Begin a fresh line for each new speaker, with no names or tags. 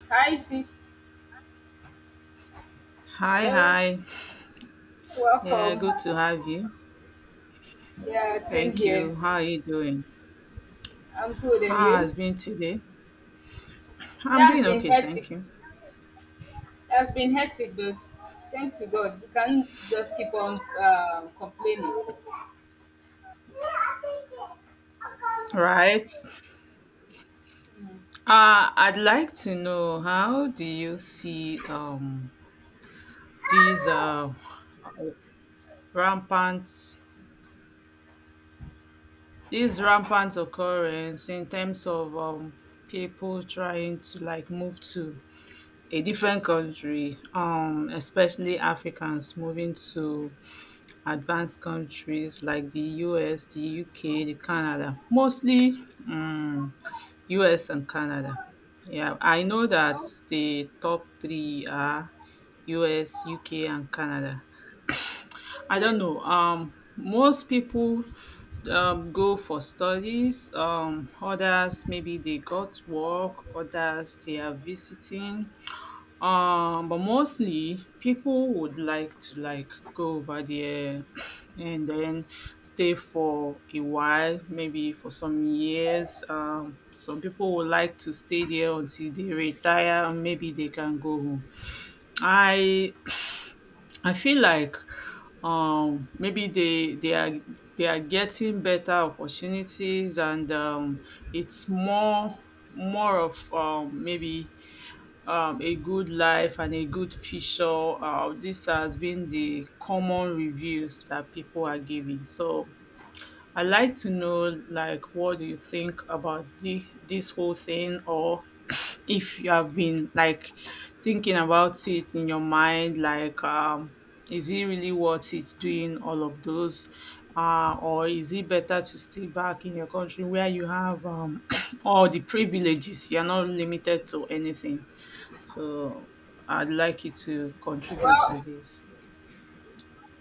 Hi, sis.
Hi,
Hello.
hi. Yeah,
Welcome.
good to have you.
Yeah, same
Thank
here.
you. How are you doing?
I'm good, and
How
you?
has been today?
Today
I'm
has
doing
been
okay,
hectic.
thank you.
It has been hectic, but thank to God, we can't just keep on complaining.
Right.
Mm.
I'd like to know how do you see these rampant rampant occurrence in terms of people trying to like move to a different country, especially Africans moving to advanced countries like the US, the UK, the Canada, mostly um, US and Canada. Yeah, I know that
Oh,
the top three are US, UK, and Canada. I don't
yes.
know. Most people go for studies. Others maybe they got work. Others they are visiting. But mostly people would like to like go over there and then stay for a while, maybe for some years. Some people would like to stay there until they retire and maybe they can go home. I I feel like maybe they are getting better opportunities and it's more of maybe a good life and a good future. This has been the common reviews that people are giving. So I like to know, like, what do you think about this whole thing, or if you have been like thinking about it in your mind, like, is it really worth it doing all of those? Or is it better to stay back in your country where you have all the privileges? You're not limited to anything. So I'd like you to contribute to
Well,
this.